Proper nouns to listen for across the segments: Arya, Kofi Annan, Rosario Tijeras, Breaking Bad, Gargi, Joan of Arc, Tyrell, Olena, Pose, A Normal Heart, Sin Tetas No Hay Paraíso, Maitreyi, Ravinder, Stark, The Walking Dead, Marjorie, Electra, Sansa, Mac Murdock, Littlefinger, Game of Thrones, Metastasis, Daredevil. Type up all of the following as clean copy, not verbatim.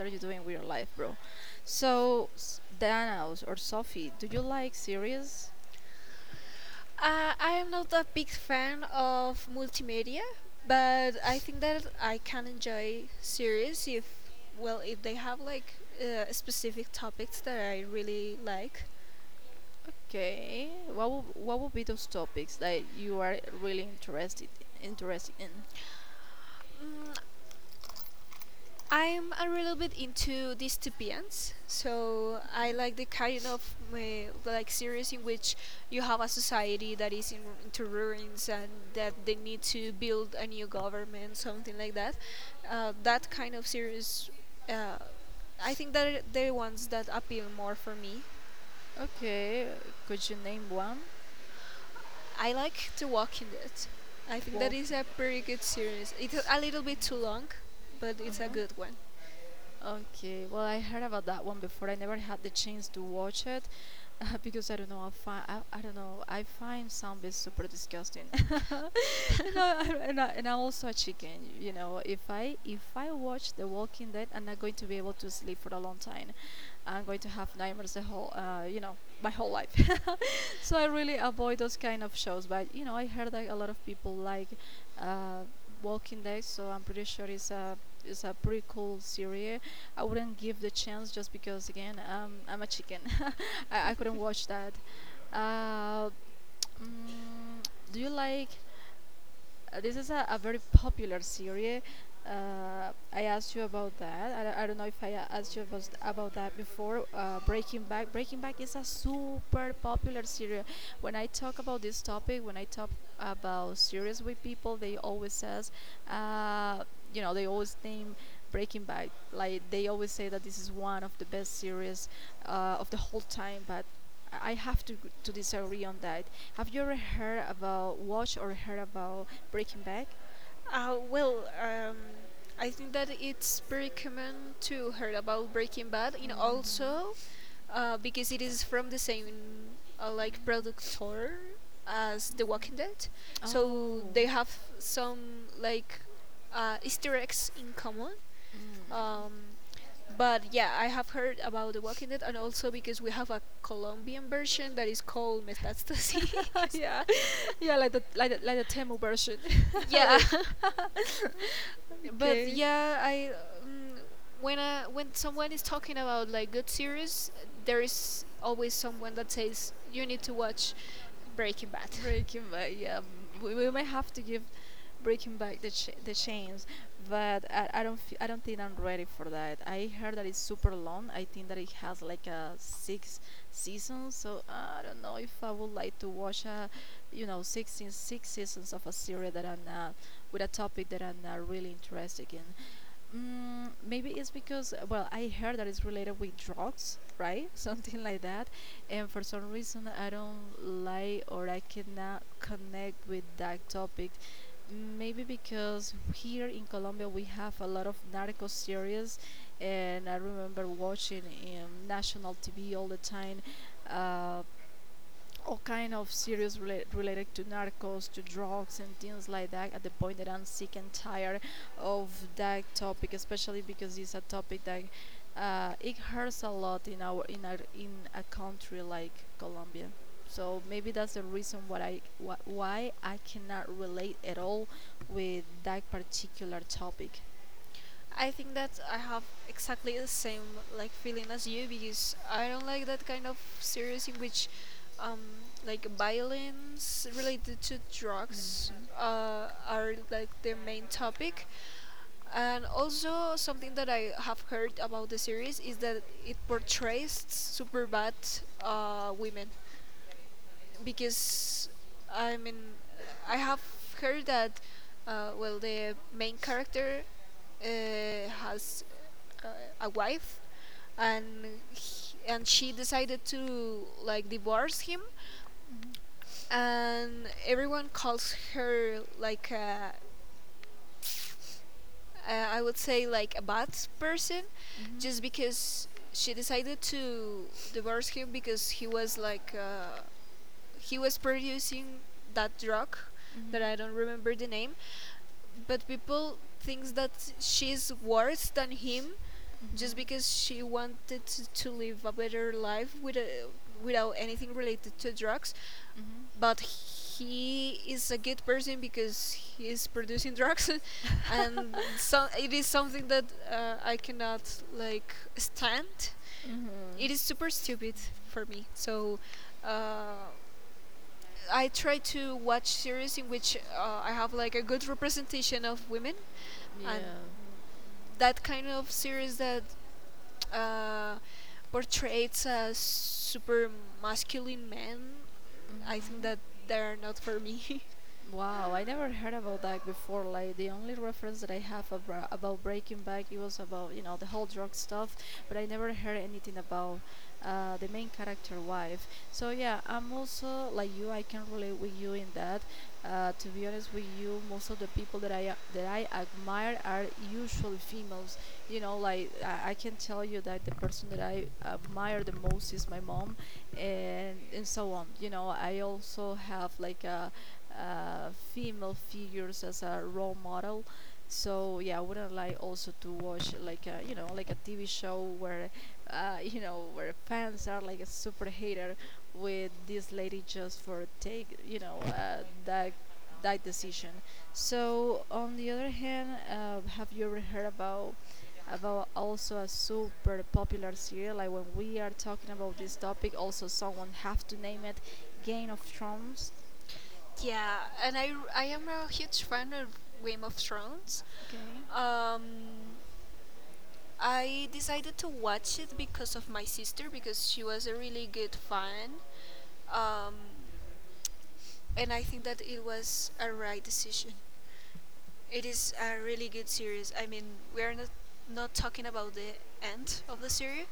are you doing with your life, bro? So, Dana or Sophie, do you like series? I am not a big fan of multimedia, but I think that I can enjoy series if, well, if they have like specific topics that I really like. Okay. What would be those topics that you are really interested in? Mm, I'm a little bit into dystopians, so I Okay. like the kind of like series in which you have a society that is into ruins and that they need to build a new government, something like that. That kind of series, uh, I think that are the ones that appeal more for me. Okay. Could you name one? I like The Walking Dead. I think that is Walking. a pretty good series. It's a little bit too long, but it's a Uh-huh. good one. Okay, well, I heard about that one before. I never had the chance to watch it because I don't know. I find I don't know. I find zombies super disgusting. You know, and I'm also a chicken. You know, if I watch The Walking Dead, I'm not going to be able to sleep for a long time. I'm going to have nightmares the whole, my whole life. So I really avoid those kind of shows. But you know, I heard that a lot of people like uh, Walking Dead, so I'm pretty sure it's a pretty cool series. I wouldn't give the chance just because again, I'm a chicken. I couldn't watch that. Uh, mm, do you like? This is a very popular series. I asked you about that. I don't know if I asked you about, about that before. Breaking Back. Breaking Back is a super popular series. When I talk about this topic, when I talk about series with people, they always says, uh, you know, they always name Breaking Back. Like they always say that this is one of the best series of the whole time. But I have to disagree on that. Have you ever heard about watch or heard about Breaking Bad. Uh, well, um, I think that it's very common to hear about Breaking Bad, and Hmm. also because it is from the same like productor as The Walking Dead, so Oh. they have some like Easter eggs in common. Mm. Um, but yeah, I have heard about The Walking Dead, and also because we have a Colombian version that is called Metastasis. Yeah, yeah, like like the Tamil version. Yeah, Like, but okay. yeah, I um, when someone is talking about like good series, there is always someone that says you need to watch Breaking Bad. Breaking Back, yeah. We might have to give Breaking Back the chance, but I don't I don't think I'm ready for that. I heard that it's super long. I think that it has like a six seasons, so I don't know if I would like to watch a, you know, six six seasons of a series that I'm not with a topic that I'm not really interested in. Mm, maybe it's because well, I heard that it's related with drugs, right? Something like that. And for some reason, I don't like or I cannot connect with that topic. Maybe because here in Colombia we have a lot of narco series, and I remember watching Why national I TV all the time. Um, all kind cannot of series related relate to at narcos to drugs and things like that at the point that I'm sick and tired all of that to topic, especially that because it's a topic that it hurts a lot in our in a country like Colombia. So maybe that's the reason what why I cannot relate at all with that age particular to that? topic. I think that I have exactly the same like feeling as you because I don't like that kind of series in which um like violence related to drugs are like the main topic. And also something that I have heard about the series is that it portrays super bad women, because I mean, I have heard that well, the main character has uh, a wife, and she decided to like divorce him, Mhm, and everyone calls her like a I would say like a bad person mhm, just because she decided to divorce him, because he was like he was producing that drug that mhm. I don't remember the name, but people thinks that she's worse than him just Mhm. because she wanted to live a better life with without anything related to drugs, Mhm. but he is a good person because he is producing drugs. And so it is something that I cannot like stand. Mhm. It is super stupid for me, so uh, I try to watch series in which I have like a good representation of women, and Yeah. that kind of series that uh, portrays a super masculine man, I think Mhm. that they're not for me. Wow, I never heard about that before. Like the only reference that I have about Breaking Back, it was about you know the whole drug stuff, but I never heard anything about the main character wife. So yeah, I'm also like you. I can relate with you in that. To be honest with you, most of the people that I admire are usually females. You know, like I can tell you that the person that I admire the most is my mom, and so on. You know, I also have like a female figures as a role model. So yeah, I wouldn't like also to watch like a you know like a TV show where you know where fans are like a super hater with this lady just for take you know that decision. So on the other hand, have you ever heard about also a super popular serial? Like when we are talking about this topic, also someone have to name it. Game of Thrones. Yeah, and I am a huge fan of Game of Thrones. Okay. Um, I decided to watch it because of my sister, because she was a really good fan. Um, and I think that it was a right decision. It is a really good series. I mean, we are not talking about the end of the series,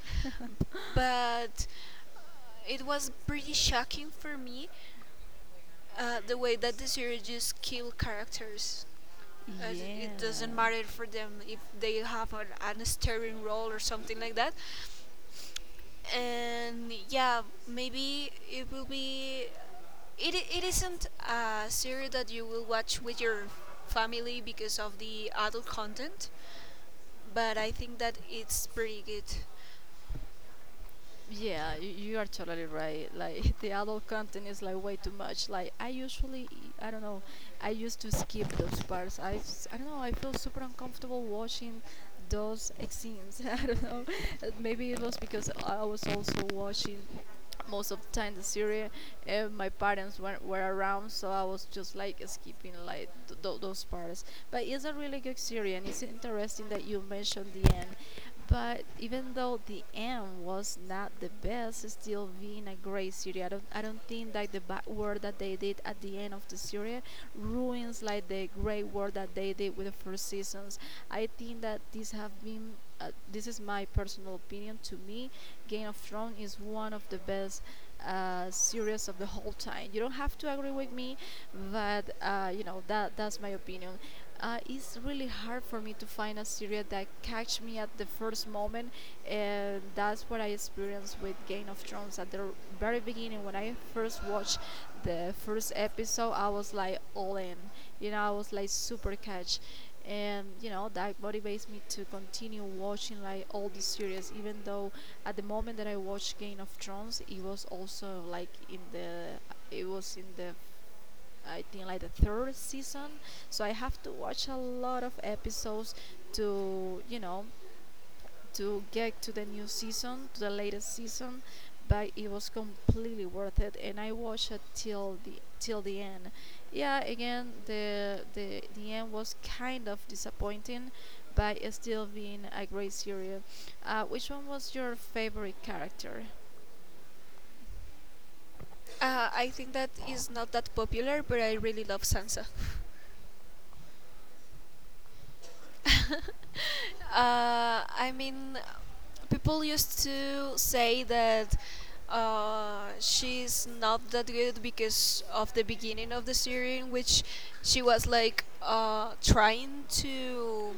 b- but uh, it was pretty shocking for me the way that the series just kill characters. It doesn't Yeah. matter for them if they have an starring role or something like that. And yeah, maybe it will be it isn't a series that you will watch with your family because of the adult content, but I think that it's pretty good. Yeah, you are totally right. Like the adult content is like way too much. Like I usually, I don't know, I used to skip those parts. I have do not know, I feel super uncomfortable watching those scenes. I don't know. Maybe it was because I was also watching most of the time the series my parents weren't were around, so I was just like skipping like those parts. But it's a really good series, and it's interesting that you mentioned the end. But even though the end was not the best, it's still being a great series. I don't think that the bad work that they did at the end of the series ruins like the great work that they did with the first seasons. I think that these have been this is my personal opinion. To me, Game of Thrones is one of the best series of the whole time. You don't have to agree with me, but you know that's my opinion. It's really hard for me to find a series that catch me at the first moment, and that's what I experienced with Game of Thrones at the very beginning when I first watched the first episode. I was like all in, you know, I was like super catch, and you know that motivates me to continue watching like all the series. Even though at the moment that I watched Game of Thrones, it was also like in the it was in the I think like the third season. So I have to watch a lot of episodes to you know to get to the new season, to the latest season. But it was completely worth it, and I watched it till the end. Yeah, again, the end was kind of disappointing, but it's still being a great series. Which one was your favorite character? I think that is not that popular, but I really love Sansa. I mean, people used to say that she's not that good because of the beginning of the series, in which she was like trying to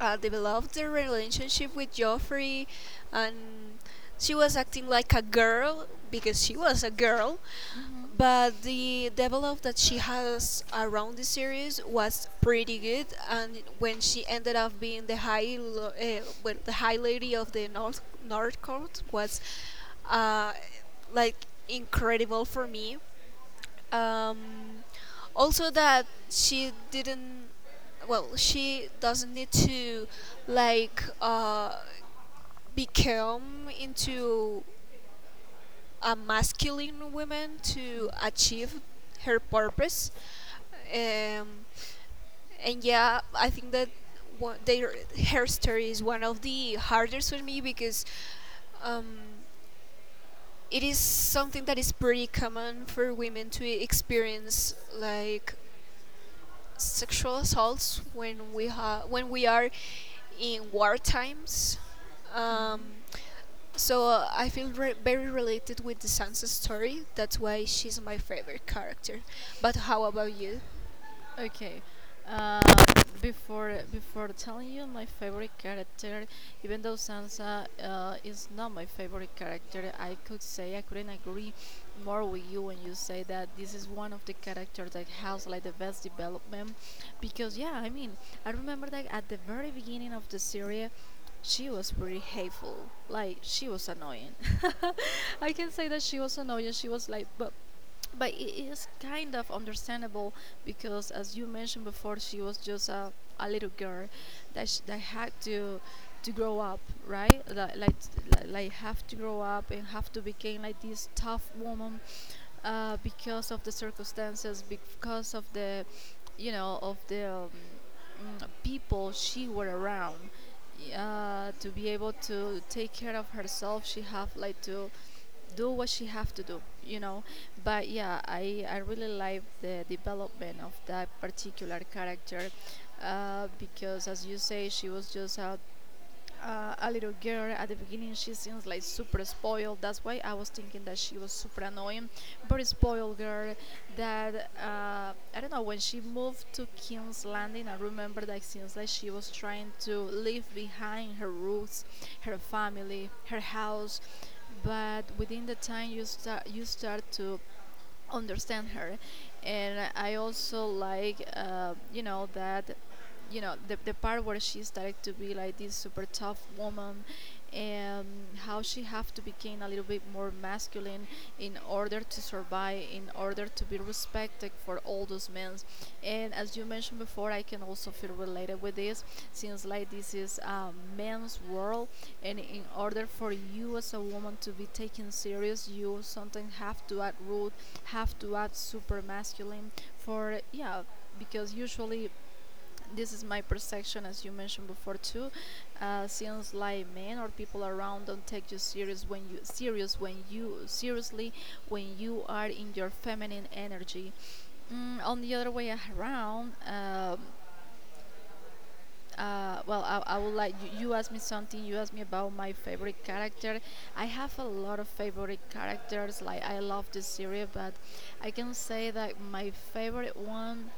develop the relationship with Joffrey, and she was acting like a girl because she was a girl, Mhm. but the develop that she has around the series was pretty good. And when she ended up being the high lady of the north court was uh, like incredible for me. um, Also that she didn't well she doesn't need to like become into a masculine woman to Mm. achieve her purpose. Um, and yeah, I think that one, their her story is one of the hardest for me because um, it is something that is pretty common for women to experience, like sexual assaults when we when we are in war times. Um, Mhm. so I feel very related with the Sansa story. That's why she's my favorite character. But how about you? Okay. Uh, before telling you my favorite character, even though Sansa is not my favorite character, I could say I couldn't agree more with you when you say that this is one of the characters that has like the best development. Because yeah, I mean, I remember that at the very beginning of the series, she was pretty hateful. Like she was annoying. I can say that she was annoying. She was like, but it is kind of understandable, because as you mentioned before, she was just a little girl that, that had to grow up, right? Like, like have to grow up and have to become like this tough woman because of the circumstances, because of the you know of the people she were around. Uh, to be able to take care of herself, she have like to do what she have to do, you know. But yeah, I really like the development of that particular character because as you say, she was just out a little girl. At the beginning she seems like super spoiled, that's why I was thinking that she was super annoying, very spoiled girl that I don't know, when she moved to King's Landing, I remember that it seems like she was trying to leave behind her roots, her family, her house. But within the time you start to understand her, and I also like you know the part where she started to be like this super tough woman and how she have to become a little bit more masculine in order to survive, in order to be respected for all those men. And as you mentioned before, I can also feel related with this, since like this is a man's world, and in order for you as a woman to be taken serious, you sometimes have to act rude, have to add super masculine for yeah, because usually this is my perception, as you mentioned before too, since like men or people around don't take you serious when you seriously when you are in your feminine energy. Mm, on the other way around, well, I would like you asked me something. You asked me about my favorite character. I have a lot of favorite characters. Like I love this series, but I can say that my favorite one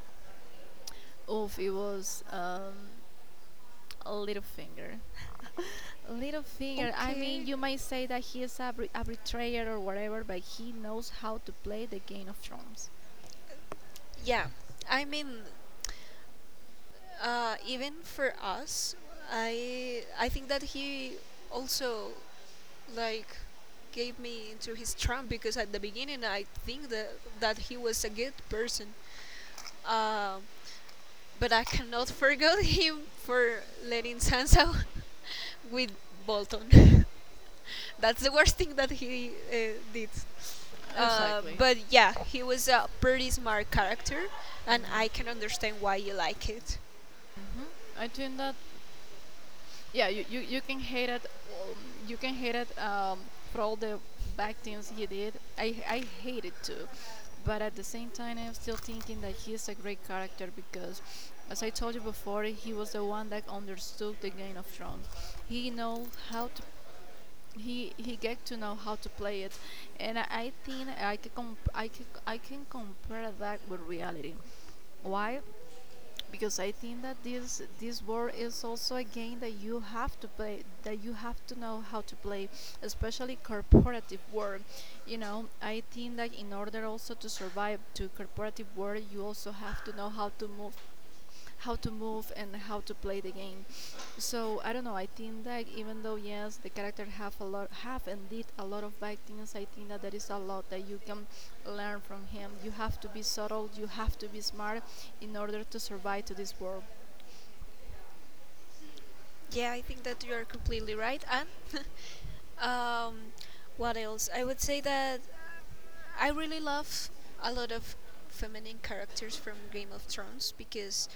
of it was Littlefinger. Littlefinger. I mean, Okay. you might say that he is a, a betrayer or whatever, but he knows how to play the Game of Thrones. Yeah, I mean, even for us, I think that he also like gave me into his trump, because at the beginning I think that he was a good person. Um, But I cannot forget him for letting Sansa with Bolton. That's the worst thing that he did. Exactly. But yeah, he was a pretty smart character, and I can understand why you like it. Hmm. I think that. Yeah, you can hate it, you can hate it, for all the bad things he did. I hate it too, but at the same time, I'm still thinking that he's a great character, because as I told you before, he was the one that understood the Game of Thrones. He know how to — he get to know how to play it. And I think I can, I can compare that with reality. Why? Because I think that this board is also a game that you have to play, that you have to know how to play, especially corporative world. You know, I think that in order also to survive to corporative world, you also have to know how to move, how to move and how to play the game. So I don't know. I think that even though, yes, the character have a lot, have and did a lot of bad things, I think that there is a lot that you can learn from him. You have to be subtle. You have to be smart in order to survive to this world. Yeah, I think that you are completely right. And um, what else? I would say that I really love a lot of feminine characters from Game of Thrones, because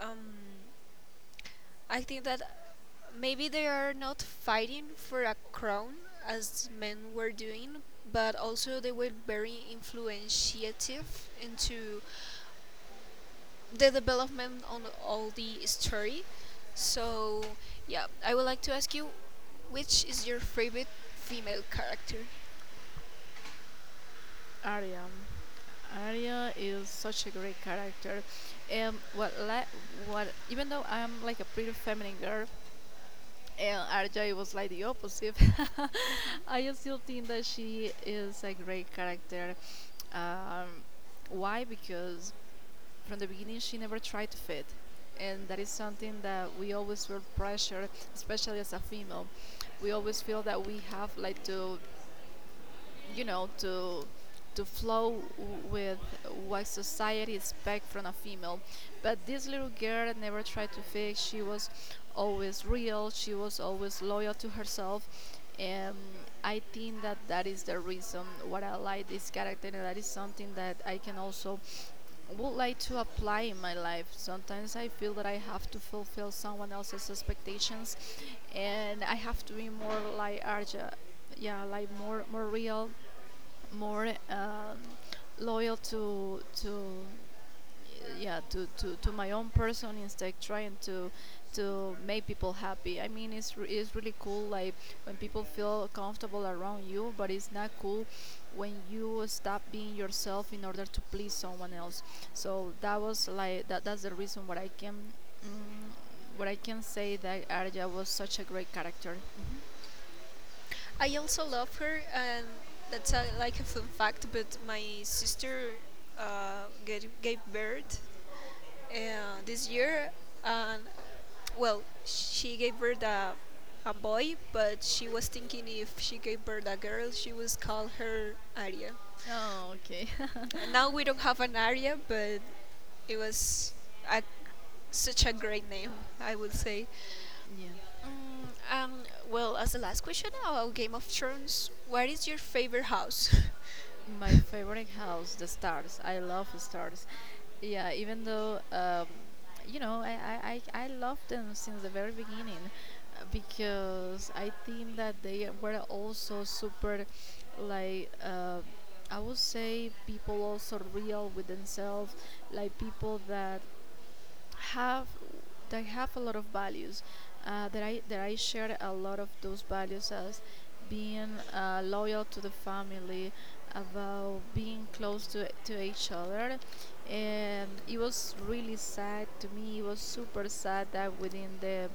um, I think that maybe they are not fighting for a crown as men were doing, but also they were very influential into the development on all the story. So yeah, I would like to ask you, which is your favorite female character? Arya. Arya is such a great character. What, la- what? Even though I'm like a pretty feminine girl, and Arya was like the opposite, I still think that she is a great character. Um, why? Because from the beginning, she never tried to fit, and that is something that we always feel pressure, especially as a female. We always feel that we have like to, to flow with what society expects from a female. But this little girl never tried to fix. She was always real. She was always loyal to herself, and I think that that is the reason what I like this character, and that is something that I can also would like to apply in my life. Sometimes I feel that I have to fulfill someone else's expectations, and I have to be more like Arja, yeah, like more real, more, loyal to, yeah, to my own person, instead trying to make people happy. I mean, it's really cool, like when people feel comfortable around you, but it's not cool when you stop being yourself in order to please someone else. So that was like, that's the reason what I can, mm, what I can say that Arya was such a great character. I also love her, and that's a, like a fun fact. But my sister gave birth this year, and well, she gave birth a boy, but she was thinking if she gave birth a girl, she would call her Aria. Oh, okay. And now we don't have an Aria, but it was a such a great name, I would say. Yeah. Mm, um, well, as the last question about Game of Thrones, what is your favorite house? My favorite house, the Stars. I love Stars. Yeah, even though, I love them since the very beginning, because I think that they were also super, like, I would say, people also real with themselves, like people that have they have a lot of values, that I share a lot of those values, as being loyal to the family, about being close to each other. And it was really sad to me. It was super sad that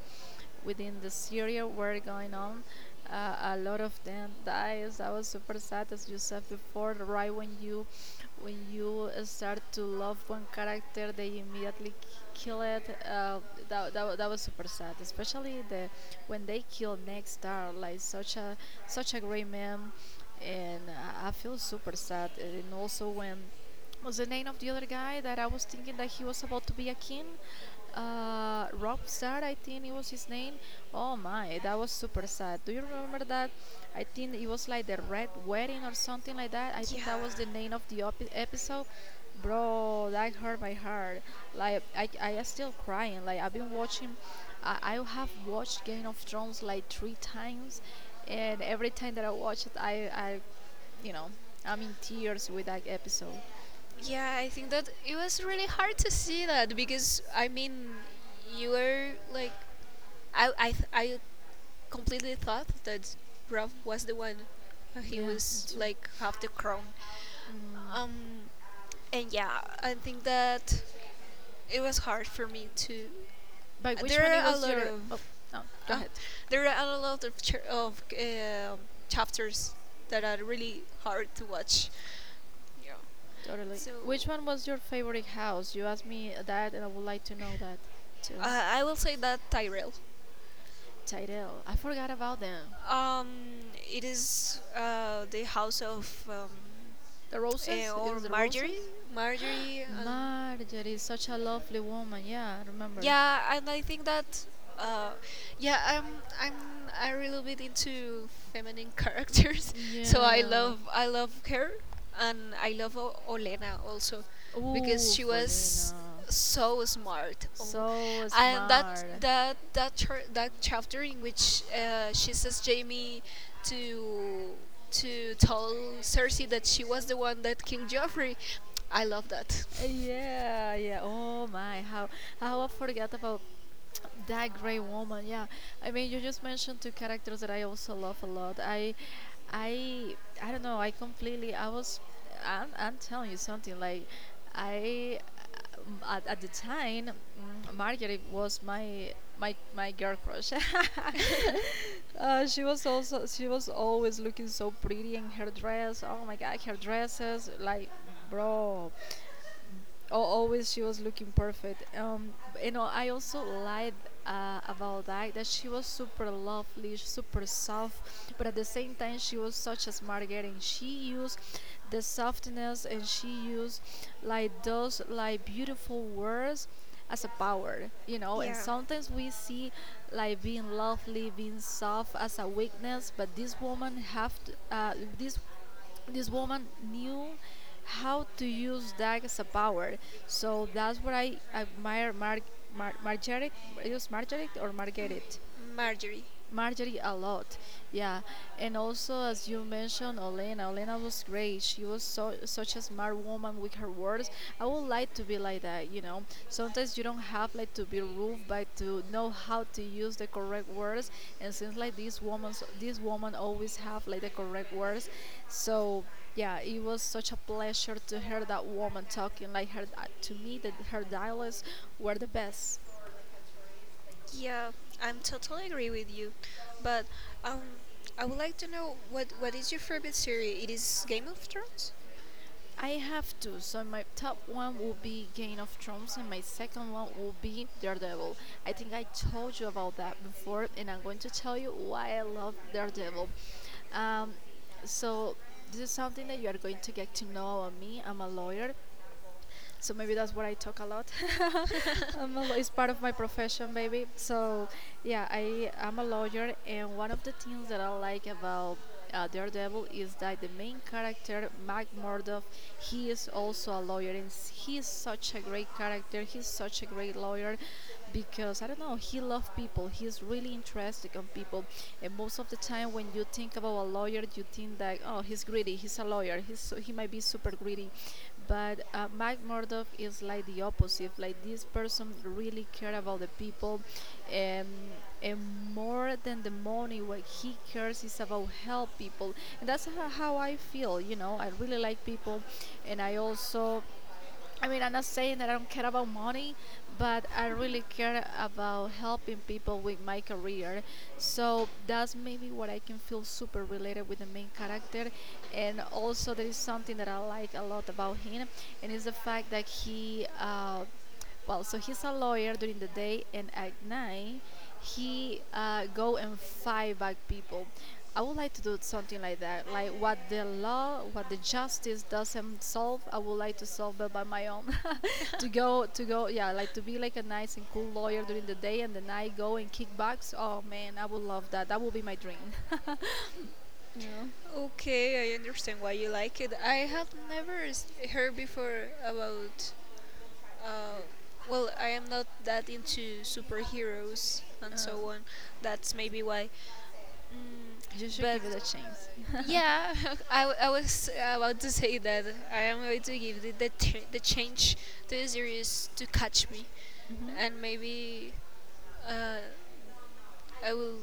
within the Syria were going on, a lot of them dies. I was super sad, as you said before: right when you, when you start to love one character, they immediately kill it. That was super sad, especially the when they kill Next Star, like such a great man, and I feel super sad. And also, when was the name of the other guy that I was thinking that he was about to be a king? Rob Star, I think it was his name. Oh my, that was super sad. Do you remember that? I think it was like the Red Wedding or something like that. I think that yeah, was the name of the episode. Bro, that hurt my heart. Like, I am still crying. Like, I've been watching. I have watched Game of Thrones like 3 times, and every time that I watch it, you know, I'm in tears with that episode. yeah, I think that it was really hard to see that, because I mean, you were like I completely thought that Brav was the one. He Yeah, me was too. like half the crown. Um, and yeah, I think that it was hard for me to. By which one There it are a was lot your? of, Oh, no, go oh, ahead. there are a lot of chapters that are really hard to watch. Yeah. Totally. So Which one was your favorite house? You asked me that, and I would like to know that too. I will say that Tyrell. Tyrell, I forgot about them. Um, it is the house of The Roses? It or was the Marjorie, Roses. Marjorie, and Marjorie is such a lovely woman. Yeah, I remember. yeah. And I think that uh yeah I'm i'm a little bit into feminine characters, so i Yeah. love i love her, and I love Olena also, because Ooh, she was Folina, so smart. Oh, so and that smart. that that char- that chapter in which she says Jamie to to tell Cersei that she was the one that killed Joffrey, I love that. Yeah, yeah. Oh my, how I forgot about that great woman. Yeah, I mean, you just mentioned two characters that I also love a lot. I i i don't know. I completely — I'm telling you something, like, I at the time, Margaret was my girl crush. She was also — she was always looking so pretty in her dress. Oh my god, her dresses, like, bro, always she was looking perfect. I also lied, about that, that she was super lovely, super soft, but at the same time she was such a smart girl, and she used the softness and she used like those, like, beautiful words as a power, you know. And sometimes we see like being lovely, being soft as a weakness, but this woman have to, this woman knew how to use that as a power. So that's what I admire, Margaret. It was Margaret or Margaret. Marjorie. Marjorie a lot. Yeah, and also as you mentioned, Olena. Olena was great. She was so such a smart woman with her words. I would like to be like that. You know, sometimes you don't have like to be rude, but to know how to use the correct words. And since like these woman, this woman always have like the correct words. So yeah, it was such a pleasure to hear that woman talking like her. To me, that her dialects were the best. Yeah, I'm totally agree with you. But um, I would like to know what is your favorite series? It is Game of Thrones. I have two. So my top one will be Game of Thrones, and my second one will be Daredevil. I think I told you about that before, and I'm going to tell you why I love Daredevil. Um, so this is something that you are going to get to know about me. I'm a lawyer, so maybe that's what I talk a lot. It's part of my profession, baby. So yeah, I am a lawyer, and one of the things that I like about, Daredevil, is that the main character, Mac Murdock, he is also a lawyer, and he is such a great character. He's such a great lawyer, because I don't know, he loves people. He's really interested on people, and most of the time when you think about a lawyer, you think that, oh, he's greedy. He's a lawyer. He's so, he might be super greedy, but, Mike Murdoch is like the opposite. Like, this person really care about the people, and, and more than the money, what he cares is about help people, and that's how I feel. You know, I really like people, and I also — I mean, I'm not saying that I don't care about money, but I really care about helping people with my career. So that's maybe what I can feel super related with the main character. And also, there is something that I like a lot about him, and it's the fact that he, well, so, he's a lawyer during the day, and at night, he, go and fight back people. I would like to do something like that. Like, what the law, what the justice doesn't solve, I would like to solve it by my own. To go, yeah, like to be like a nice and cool lawyer during the day, and the night go and kick bucks. Oh man, I would love that. That would be my dream. you know, Okay, I understand why you like it. I have never heard before about. Uh, I am not that into superheroes and uh, so on. That's maybe why. Mm, you should but give it a chance. yeah, I was about to say that I am going to give the change to the series to catch me, hmm and maybe uh, I will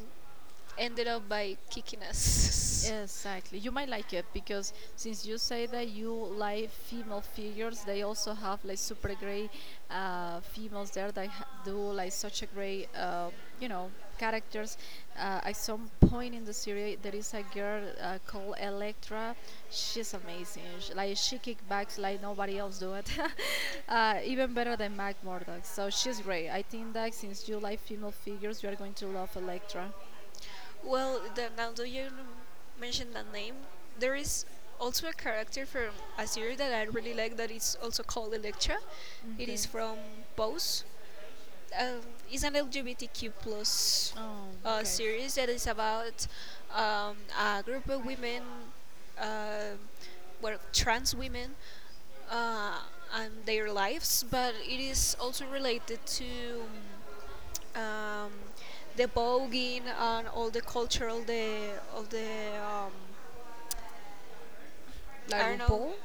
end it up by kicking us. Exactly. You might like it, because since you say that you like female figures, they also have like super great, females there that do like such a great, you know, characters. At some point in the series, there is a girl, called Electra. She's amazing. Sh Like, she kickbacks like nobody else do it. Even better than Mac Murdock. So she's great. I think that since you like female figures, you are going to love Electra. Well, the, now that you mentioned that name, there is also a character from a series that I really like that is also called Electra. It Okay. is from Pose. um, it's an LGBTQ plus Oh, okay. series that is about a group of women, uh, well, trans women, uh, and their lives, but it is also related to um, the voguing and all the cultural the of the La I don't know. RuPaul?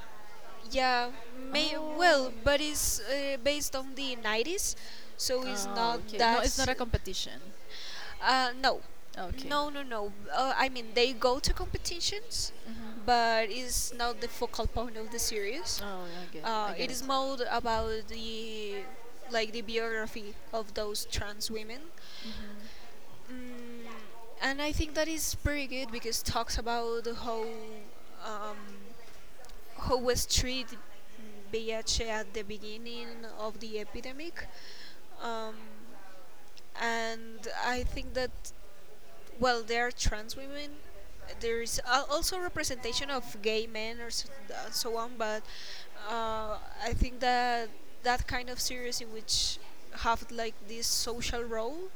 Yeah, may Oh, well, but it's based on the 90s, so it's oh, not okay. No, that. it's not a competition. No, Okay. no, no, no. I mean, they go to competitions, Mm-hmm. but it's not the focal point of the series. Oh, I get It is it. more about the like the biography of those trans women, Mm-hmm. mm, and I think that is pretty good, because talks about um, how was treated VIH at the beginning of the epidemic. Um, and I think that, well, there are trans women. There is also representation of gay men or so, so on, but uh, I think that that kind of series in which have like this social role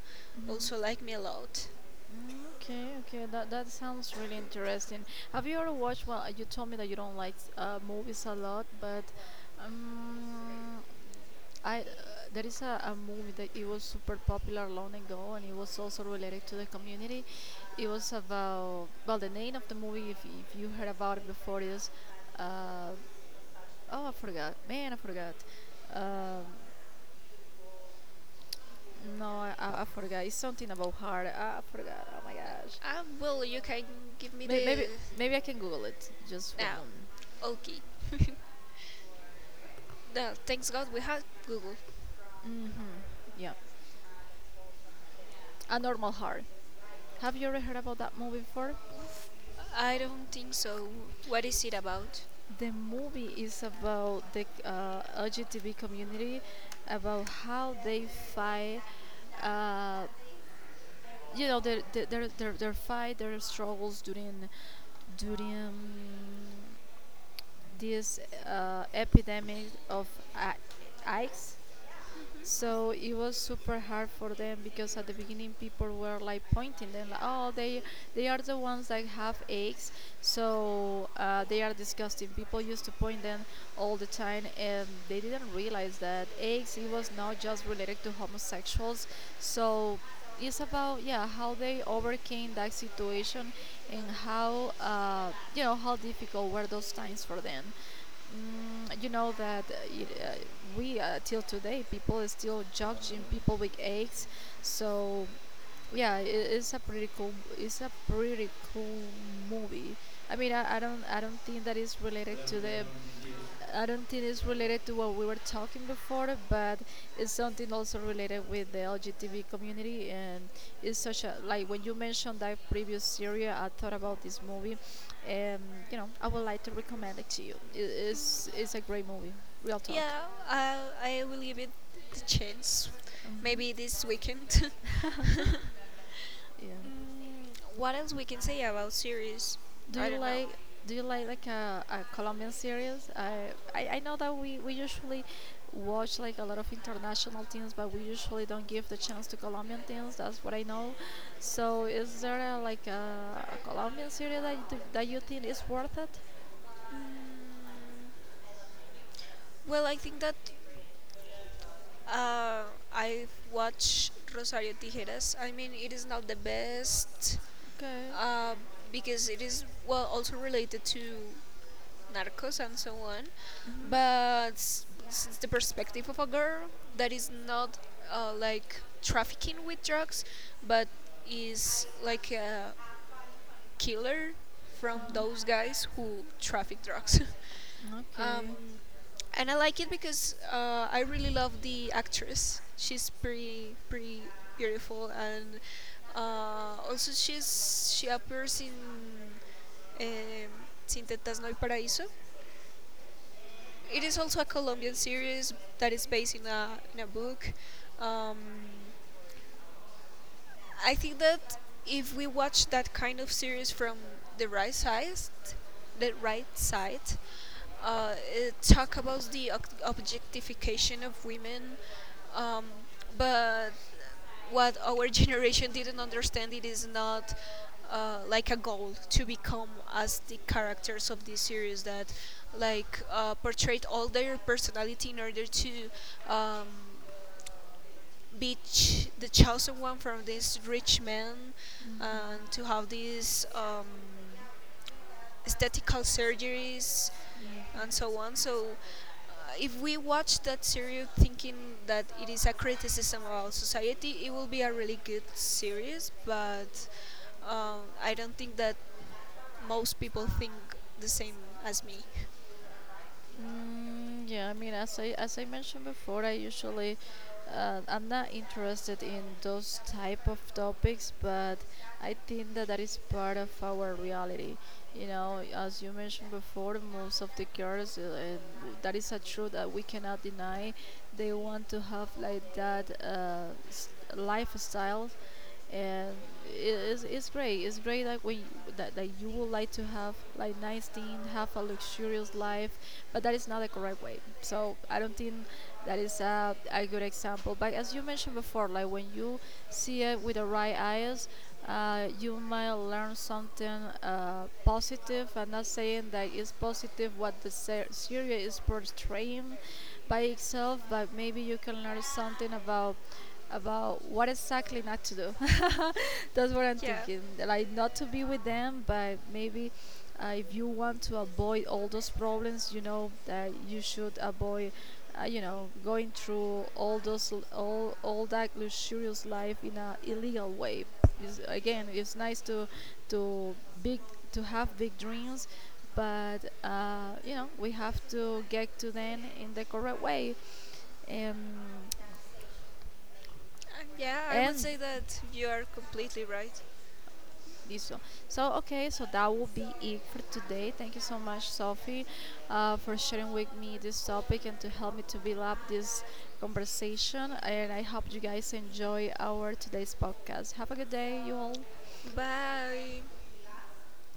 also like me a lot. Mm, okay, okay. That sounds really interesting. Have you ever watched? Well, you told me that you don't like, movies a lot, but, um, I there is a movie that it was super popular long ago, and it was also related to the community. It was about, well, the name of the movie, if you heard about it before, is. Uh, Oh, I forgot. Man, I forgot. Um, no, I forgot. It's something about heart. I forgot. Oh my gosh. Well, you can give me May- Maybe the maybe I can Google it. Just one now. moment. Okay. No, thanks God we have Google. Mm-hmm. Yeah. A Normal Heart. Have you ever heard about that movie before? I don't think so. What is it about? The movie is about the LGTB community, about how they fight. Uh, their fight, their struggles during this epidemic of a- AIDS. So it was super hard for them because at the beginning people were like pointing them like, oh, they are the ones that have eggs, so they are disgusting. People used to point them all the time, and they didn't realize that eggs it was not just related to homosexuals. So it's about, yeah, how they overcame that situation and how, how difficult were those times for them. Mm, you know that we, till today people is still judging people with eggs. So yeah, it's a pretty cool. It's a pretty cool movie. I mean, I don't think that is related to the. I don't think it's related to what we were talking before, but it's something also related with the LGBTQ community, and it's such a, like, when you mentioned that previous series, I thought about this movie, and you know I would like to recommend it to you. It's a great movie, real talk. Yeah, I will give it the chance. Mhm. Maybe this weekend. Yeah. Mm, what else we can say about series? Do I you don't know. like do you like a Colombian series? I know that we usually watch like a lot of international things, but we usually don't give the chance to Colombian things. That's what I know. So is there a like a Colombian series that that you think is worth it? Mm, well, I think that uh, I've watched Rosario Tijeras. I mean, it is not the best Okay. uh, because it is well also related to Narcos and so on, but since the perspective of a girl that is not like trafficking with drugs, but is like a killer from Uh-huh. those guys who traffic drugs. Okay. um, and I like it because I really love the actress. She's pretty beautiful, and also she appears in um, Sin Tetas No Hay Paraíso. It is also a Colombian series that is based in a book. Um, I think that if we watch that kind of series from the right side, the right side, it talk about the objectification of women, um, but what our generation didn't understand, it is not like a goal to become as the characters of this series that like portrayed all their personality in order to um, beach the chosen one from this rich man, and Mhm. to have these aesthetical surgeries Mhm. and so on. So if we watch that series thinking that it is a criticism about society, it will be a really good series, but I don't think that most people think the same as me. Mm, yeah, I mean, as I mentioned before, I usually I'm not interested in those type of topics, but I think that is part of our reality. You know, as you mentioned before, most of the girls, that is a truth that we cannot deny. They want to have like that lifestyle, and it's great that when that, that you would like to have like nice thing, have a luxurious life, but that is not the correct way. So I don't think that is a good example. But as you mentioned before, like when you see it with the right eyes, you might learn something positive. I'm not saying that it's positive what the series is portraying by itself, but maybe you can learn something about what exactly not to do. That's what I'm Yeah. thinking. Like not to be with them, but maybe if you want to avoid all those problems, you know that you should avoid, going through all those l- all that luxurious life in a illegal way. Again, it's nice to big to have big dreams, but you know we have to get to them in the correct way, um, Yeah, I would and say that you are completely right. Isso. So, okay, so that will be it for today. Thank you so much, Sophie, for sharing with me this topic and to help me to build up this conversation. And I hope you guys enjoy our today's podcast. Have a good day, you all. Bye.